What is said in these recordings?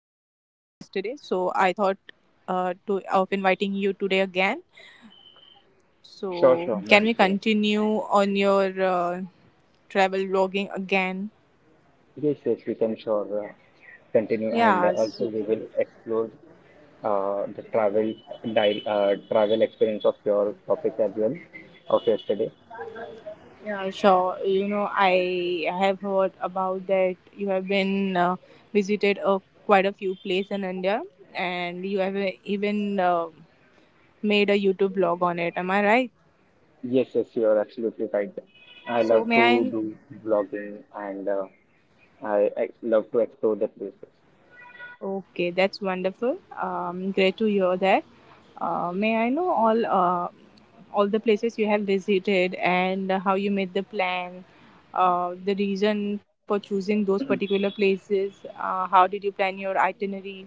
yesterday, so I thought to of inviting you today again. Sure, So sure, no can we issue. continue on your travel vlogging again? Yes, yes, we can sure, continue, and Yeah. also So, we will explore the travel experience of your topic as well of yesterday. yeah, sure. You know, I have heard about that. You have been visited quite a few places in India, and you have even made a YouTube vlog on it. Am I right? Yes, yes, you are absolutely right. I So love may to I do vlogging, and I love to explore the places. Okay, that's wonderful. Great to hear that. May I know all the places you have visited and how you made the plan, the reason for choosing those particular places? How did you plan your itinerary?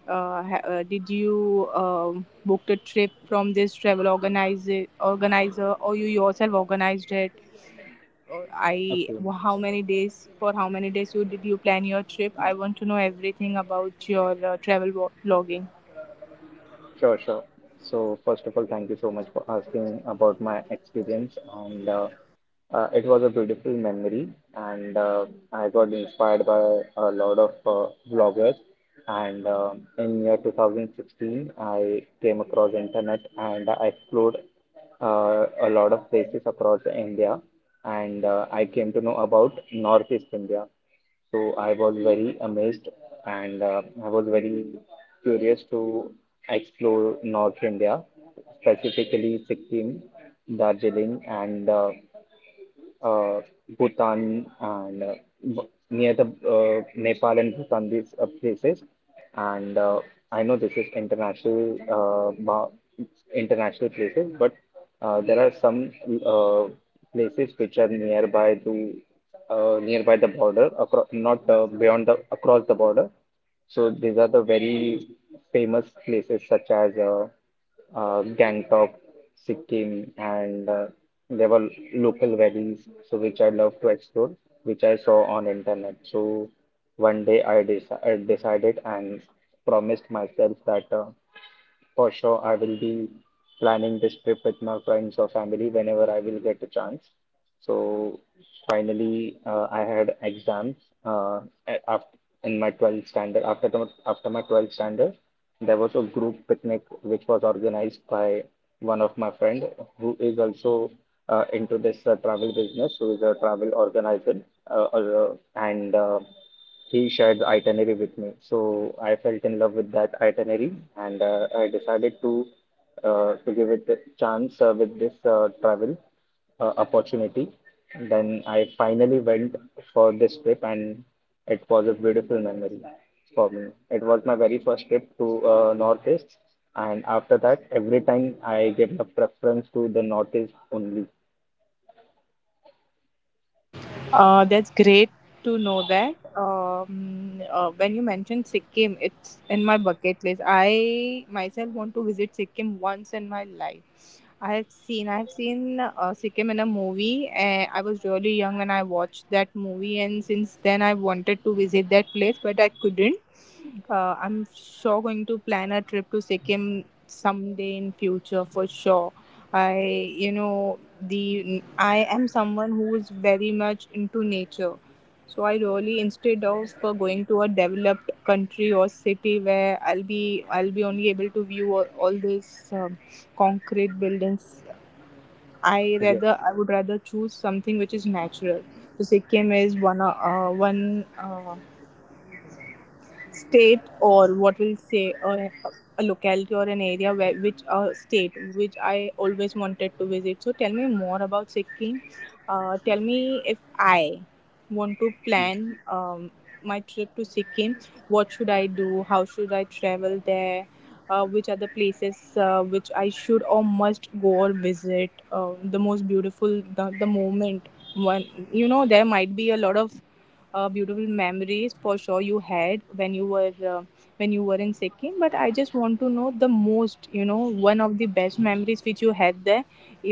Did you book the trip from this travel organizer, or you yourself organized it? I Okay. how many days for how many days you did you plan your trip? I want to know everything about your vlogging. Sure, sure. So first of all, thank you so much for asking about my experience, and it was a beautiful memory, and I got inspired by a lot of bloggers. And in year 2016, I came across internet and I explored a lot of places across India, and I came to know about Northeast India. So I was very amazed, and I was very curious to explore North India, specifically Sikkim, Darjeeling, and uh, Bhutan, and near the Nepal and Bhutan, these places. And I know this is international, international places, but there are some uh, places which are nearby to, nearby the border, across, not beyond, the across the border. So these are the very famous places such as Gangtok, Sikkim, and there were local valleys, so which I love to explore, which I saw on internet. So one day I decided and promised myself that for sure, I will be planning this trip with my friends or family whenever I will get a chance. So finally, I had exams, uh, after, in my 12th standard. After my 12th standard, there was a group picnic which was organized by one of my friend who is also into this travel business, who is a travel organizer, and he shared the itinerary with me. So I felt in love with that itinerary, and I decided to give it a chance with this travel opportunity. Then I finally went for this trip, and it was a beautiful memory for me. It was my very first trip to Northeast, and after that every time I gave a preference to the Northeast only. That's great to know that. When you mentioned Sikkim, it's in my bucket list. I myself want to visit Sikkim once in my life. I have seen Sikkim in a movie. And I was really young when I watched that movie, and since then I wanted to visit that place, but I couldn't. I'm sure going to plan a trip to Sikkim someday in future for sure. The I am someone who is very much into nature. So I really, instead of for going to a developed country or city where I'll be only able to view all these concrete buildings. Yes, I would rather choose something which is natural. So Sikkim is one. State, or what we say a locality or an area where which a state which I always wanted to visit. So tell me more about Sikkim. Tell me, if I want to yes, plan my trip to Sikkim, what should I do? How should I travel there? Which are the places which I should or must go or visit? Uh, the most beautiful the, the moment one You know, there might be a lot of beautiful memories for sure you had when you were in Sikkim. But I just want to know the most, you know, one of the best memories which you had there,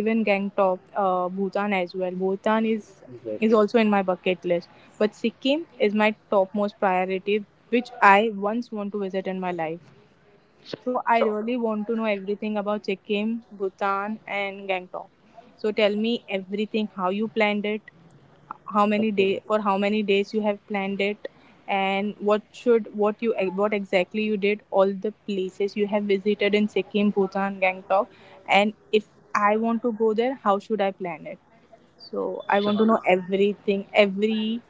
even Gangtok, Bhutan as well. Bhutan yes. is also in my bucket list, but Sikkim is my topmost priority, which I once want to visit in my life. So I Sure. really want to know everything about Sikkim, Bhutan, and Gangtok. So tell me everything, how you planned it, how many day Okay. for how many days you have planned it, and what exactly you did, all the places you have visited in Sikkim, Bhutan, Gangtok, and if I want to go there, how should I plan it? So I want Sure. to know everything, every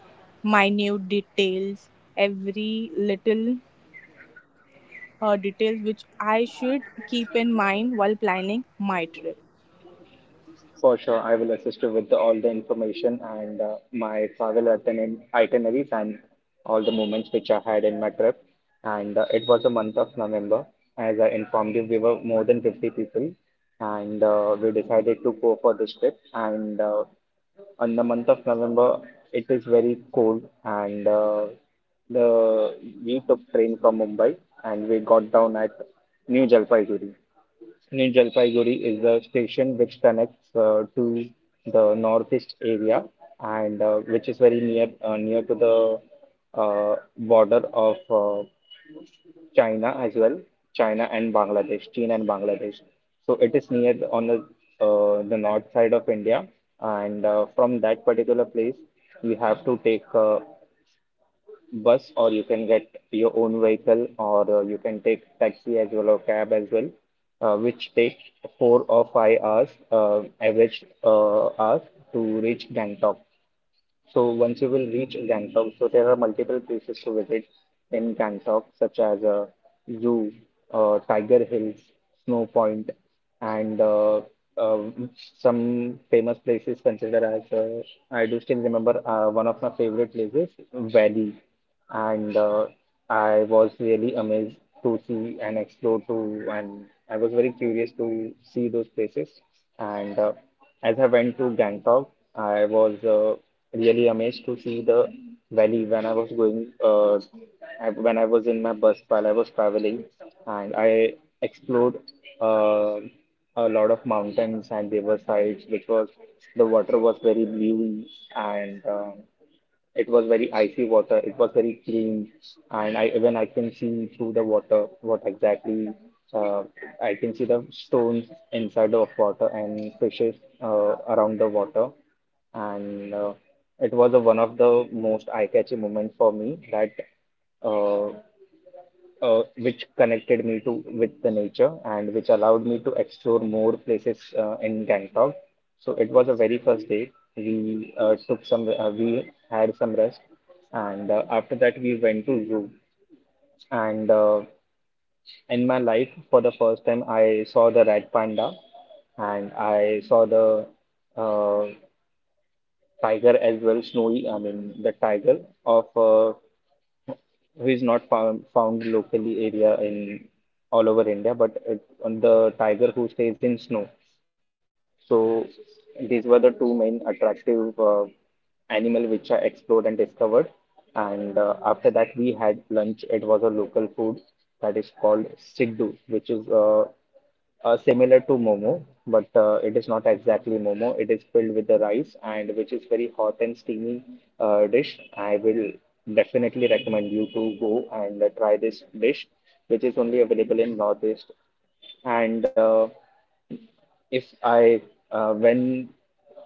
minute details, every little details which I should keep in mind while planning my trip. For sure, I will assist you with all the information and my travel itineraries and all the moments which I had in my trip. And it was the month of November. As I informed you, we were more than 50 people, and we decided to go for this trip. And in the month of November, it is very cold, and the we took train from Mumbai, and we got down at New Jalpaiguri. New Jalpaiguri is the station which connects to the northeast area, and which is very near to the border of China as well, China and Bangladesh, China and Bangladesh. So it is near on the, the north side of India, and from that particular place, you have to take bus, or you can get your own vehicle, or you can take taxi as well or cab as well, which takes 4 or 5 hours, average hours, to reach Gangtok. So once you will reach Gangtok, so there are multiple places to visit in Gangtok, such as zoo, Tiger Hills, Snow Point, and um, some famous places considered as, I do still remember one of my favorite places, Valley, and I was really amazed to see and explore to, and I was very curious to see those places. And as I went to Gangtok, I was really amazed to see the valley when I was going, when I was in my bus while I was traveling, and I explored uh, a lot of mountains and riversides, which was, the water was very blue, and it was very icy water. It was very clean, and I, even I can see through the water what exactly, uh, I can see the stones inside of water and fishes around the water. And it was one of the most eye-catching moments for me that, uh, which connected me to, with the nature, and which allowed me to explore more places in Gangtok. So it was a very first day. We had some rest, and after that we went to zoo. And in my life, for the first time, I saw the red panda, and I saw the uh, tiger as well, snowy. I mean the tiger of who is not found locally area in all over India, but on the tiger who stays in snow. So these were the two main attractive animal which I explored and discovered. And after that, we had lunch. It was a local food that is called siddu, which is similar to momo, but it is not exactly momo. It is filled with the rice, and which is very hot and steamy dish. I will definitely recommend you to go and try this dish, which is only available in Northeast, and if I when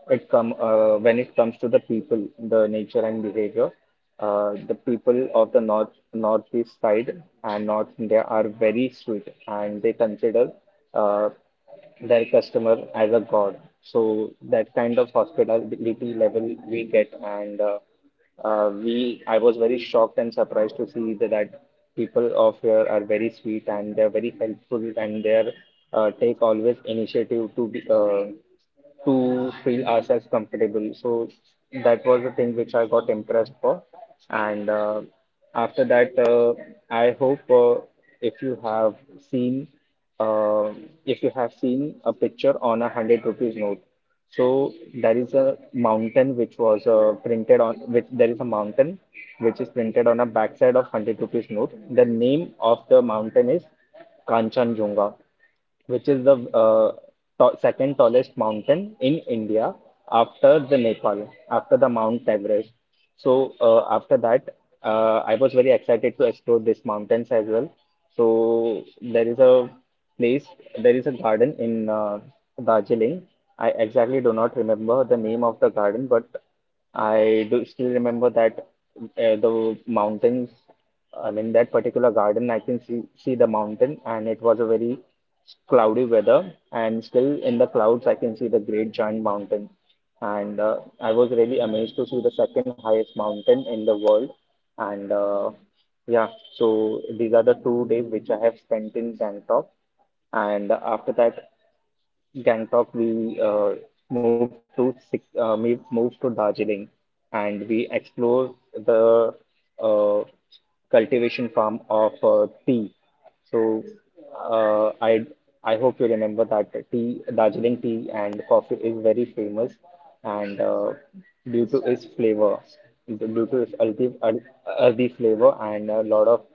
it come when it comes to the people, the nature and behavior, the people of the northeast side and North India are very sweet, and they consider uh, their customer as a god. So that kind of hospitality level we get, and I was very shocked and surprised to see that, that people of here are very sweet, and they're very helpful, and they're take always initiative to feel ourselves comfortable. So that was the thing which I got impressed for. And after that, I hope, if you have seen. If you have seen a picture on 100 rupees note, so there is a mountain which was printed on, which there is a mountain which is printed on a backside of 100 rupees note. The name of the mountain is Kanchanjunga, which is the uh, second tallest mountain in India, after the Nepal, after the Mount Everest. So after that, I was very excited to explore these mountains as well. So there is place, there is a garden in Darjeeling. I exactly do not remember the name of the garden, but I do still remember that, the mountains, I mean, that particular garden, I can see the mountain, and it was a very cloudy weather. And still in the clouds, I can see the great giant mountain. And I was really amazed to see the second highest mountain in the world. And yeah, so these are the 2 days which I have spent in Bangkok. And after that, Gangtok, we moved to Darjeeling, and we explored the uh, cultivation farm of tea. So uh, I I hope you remember that tea, Darjeeling tea and coffee is very famous, and due to its flavor, due to its earthy flavor, and a lot of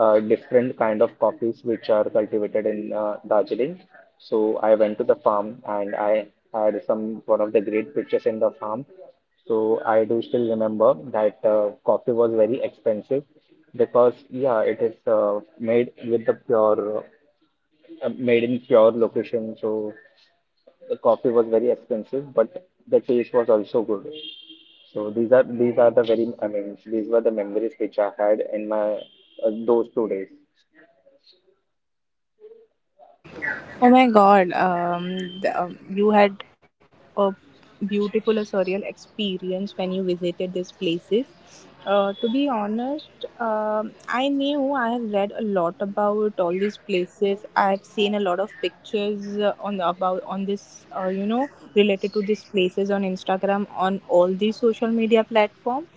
different kind of coffees which are cultivated in Darjeeling. So I went to the farm, and I had some one of the great pictures in the farm. So I do still remember that coffee was very expensive, because yeah, it is made in pure location. So the coffee was very expensive, but the taste was also good. So these are the very I mean these were the memories which I had in my those 2 days. Oh my god, you had a beautiful, a surreal experience when you visited these places. To be honest, I knew, I have read a lot about all these places. I have seen a lot of pictures on the, about on this, you know, related to these places on Instagram, on all the social media platform.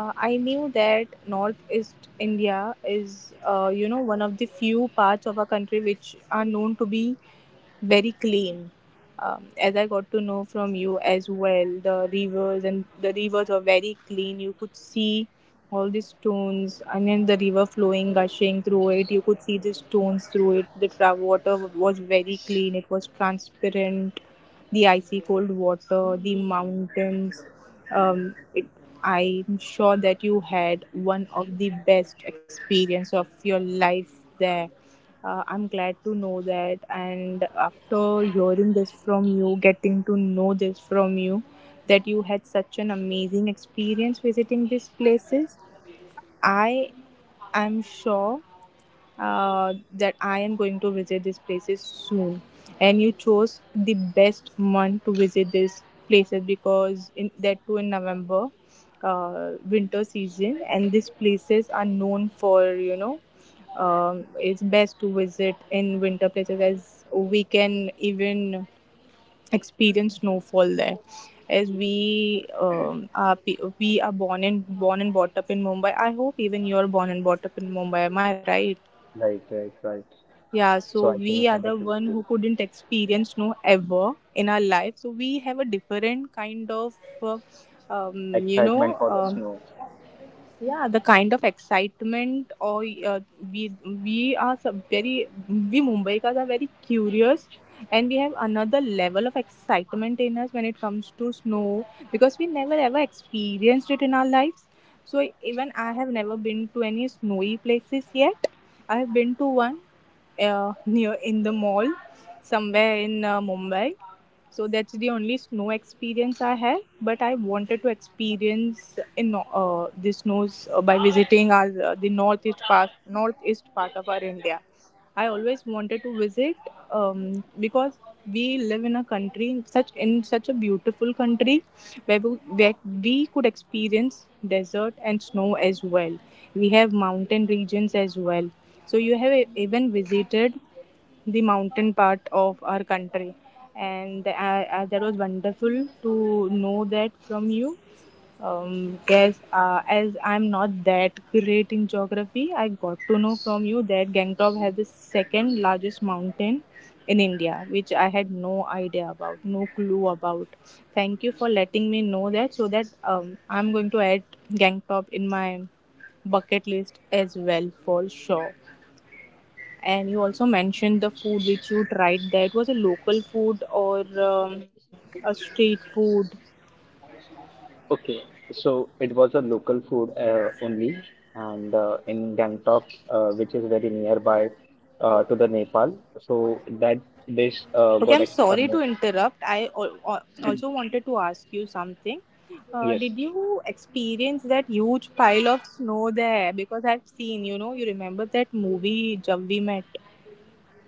I knew that Northeast India is, you know, one of the few parts of our country which are known to be very clean. As I got to know from you as well, the rivers were very clean. You could see all these stones, and then the river flowing, gushing through it, you could see the stones through it, the water was very clean, it was transparent, the icy cold water, the mountains. um, it, I'm sure that you had one of the best experience of your life there. I'm glad to know that, and after hearing this from you, that you had such an amazing experience visiting these places, I am sure that I am going to visit these places soon. And you chose the best month to visit these places, because in that too, in November, winter season, and these places are known for, you know, it's best to visit in winter places, as we can even experience snowfall there. As we we are born and brought up in Mumbai. I hope even you're born and brought up in Mumbai. Am I right? Right, right, right. Yeah, so So I we can are the connect with one who you. couldn't experience snow ever in our life. So we have a different kind of uh, you Excitement know, for the um, snow. yeah, the kind of excitement. Or we we are so- very We Mumbaikars are very curious, and we have another level of excitement in us when it comes to snow, because we never ever experienced it in our lives. So even I have never been to any snowy places yet. I have been to one near in the mall somewhere in Mumbai. So that's the only snow experience I had. But I wanted to experience in the snows by visiting our, the northeast part of our India. I always wanted to visit, because we live in a country, such in such a beautiful country where where we could experience desert and snow as well. We have mountain regions as well. So you have even visited the mountain part of our country, and that was wonderful to know that from you. Guess, as I'm not that great in geography, I got to know from you that Gangtok has the second largest mountain in India, which I had no idea about, no clue about. Thank you for letting me know that, so that I'm going to add Gangtok in my bucket list as well for sure. And you also mentioned the food which you tried. That was a local food, or a street food? Okay, so it was a local food only, and in Gangtok, which is very nearby to the Nepal. So that dish, Okay, got I'm ex sorry to no, interrupt. I also wanted to ask you something. Yes, Did you experience that huge pile of snow there? Because I've seen, you know, you remember that movie Jab We Met?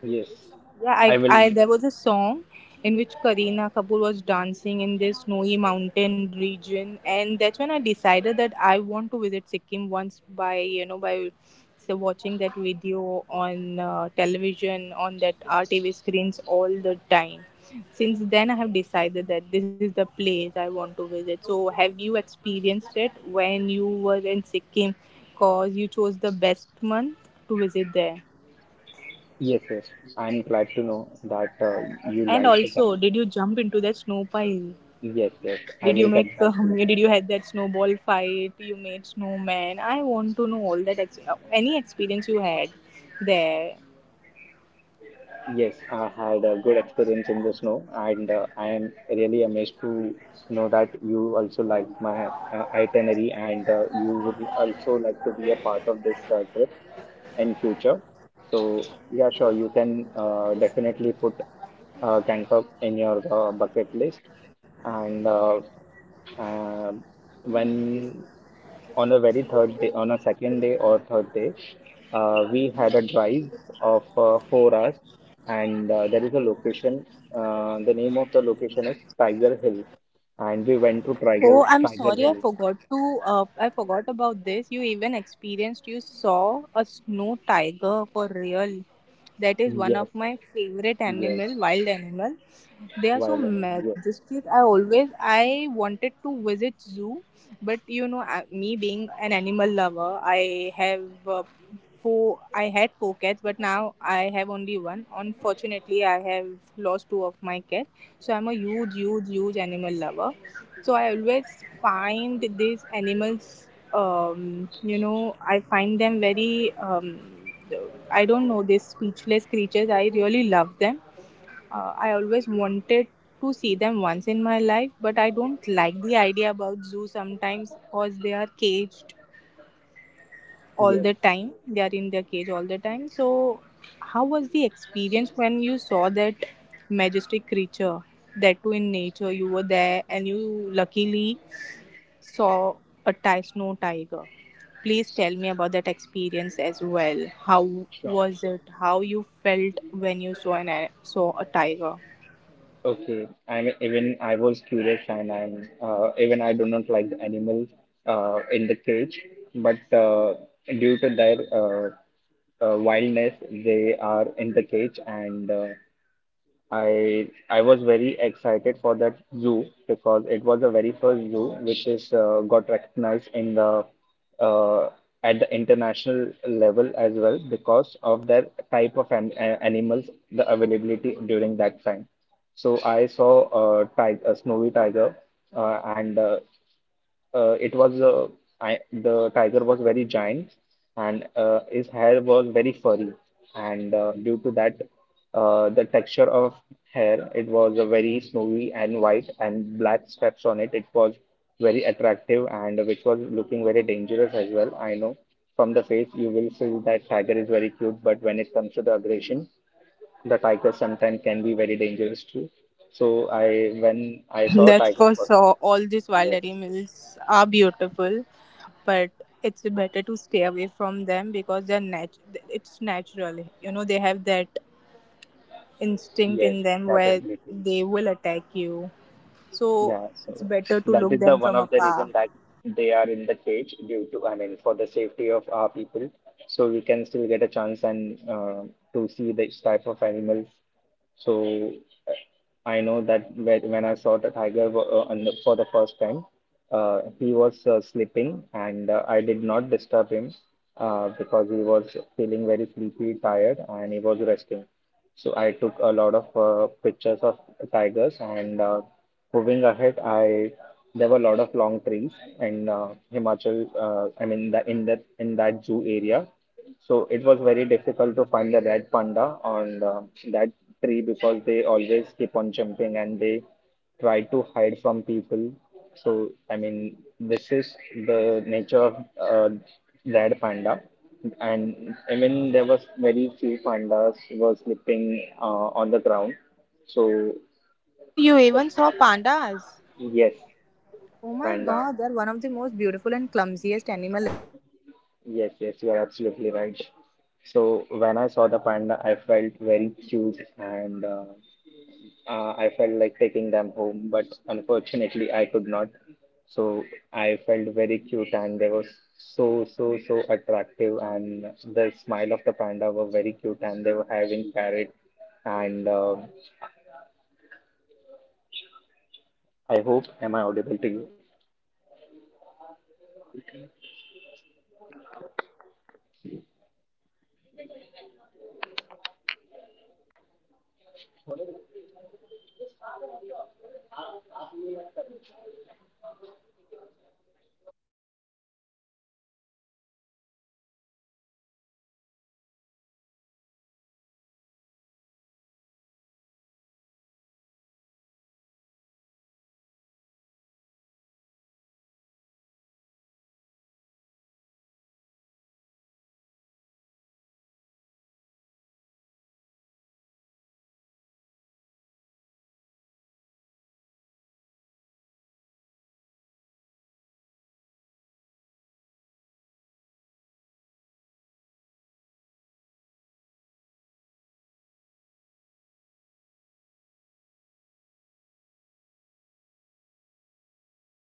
yes. Yeah, I I, will. I there was a song in which Kareena Kapoor was dancing in this snowy mountain region, and that's when I decided that I want to visit Sikkim once, by you know, by so watching that video on television, on that RTV screens all the time. Since then, I have decided that this is the place I want to visit. So, have you experienced it when you were in Sikkim? 'Cause you chose the best month to visit there. Yes, yes. I'm glad to know that you And like the also, can. did you jump into that snow pile? Yes, yes. I Did you will get make? back to you. Did you had that snowball fight? You made snowman. I want to know all that. Any experience you had there? Yes, I had a good experience in the snow, and I am really amazed to know that you also like my itinerary, and you would also like to be a part of this trip in future. So yeah, sure, you can definitely put Gangtok in your bucket list, and um when, on a second day or third day, we had a drive of 4 hours, and there is a location. The name of the location is Tiger Hill, and we went to Tiger Oh, I'm Tiger sorry, I Hill. forgot to. I forgot about this. You even experienced, you saw a snow tiger for real. That is one of Yes, my favorite yes, animal, wild animal. They are so while yes, majestic. I wanted to visit zoo, but you know, I- me being an animal lover, I have four. I had four cats, but now I have only one. Unfortunately, I have lost two of my cats. So I'm a huge, huge, huge animal lover, so I always find these animals, you know, I find them very, I don't know, these speechless creatures. I really love them. I always wanted to see them once in my life, but I don't like the idea about zoo sometimes, because they are caged all yes, the time. They are in their cage all the time. So, how was the experience when you saw that majestic creature? That too in nature, you were there, and you luckily saw a snow tiger. Please tell me about that experience as well. How sure. was it? How you felt when you saw saw a tiger? Okay, I mean even I was curious and I'm even I do not like the animals in the cage, but due to their wildness, they are in the cage, and I was very excited for that zoo because it was the very first zoo which is got recognized in the uh, at the international level as well because of their type of animals, the availability during that time. So I saw a tiger, a snowy tiger, and it was the tiger was very giant, and his hair was very furry, and due to that, the texture of hair, it was very snowy, and white and black stripes on it was very attractive, and which was looking very dangerous as well. I know from the face you will feel that tiger is very cute, but when it comes to the aggression, the tiger sometimes can be very dangerous too. So I when I saw That's tiger for first. sure. All these wild Yes. animals are beautiful, but it's better to stay away from them, because they're it's natural. You know they have that instinct Yes, in them where they capabilities. will attack you. So Yeah, it's so better to that look is the them one from of the afar. reason that they are in the cage due to, I mean, for the safety of our people. So we can still get a chance, and to see this type of animals. So I know that, when I saw the tiger on the, for the first time, he was sleeping, and I did not disturb him because he was feeling very sleepy, tired, and he was resting. So I took a lot of pictures of tigers, and moving ahead, I there were a lot of long trees in Himachal. I mean, the, in that zoo area, so it was very difficult to find the red panda on that tree because they always keep on jumping and they try to hide from people. So, I mean, this is the nature of red panda. And I mean, there was very few pandas were sleeping on the ground. So, Oh, you the, even saw pandas. yes, Oh my panda. god, they're one of the most beautiful and clumsiest animal ever to exist Yes, on yes, you are this absolutely right. planet. So when I saw the panda, I felt very cute, and I felt like taking them home, but unfortunately, I could not. So I felt very cute, and they were so, so, so attractive. And the smile of the panda were very cute, and they were having carrot. And I hope, am I audible to you?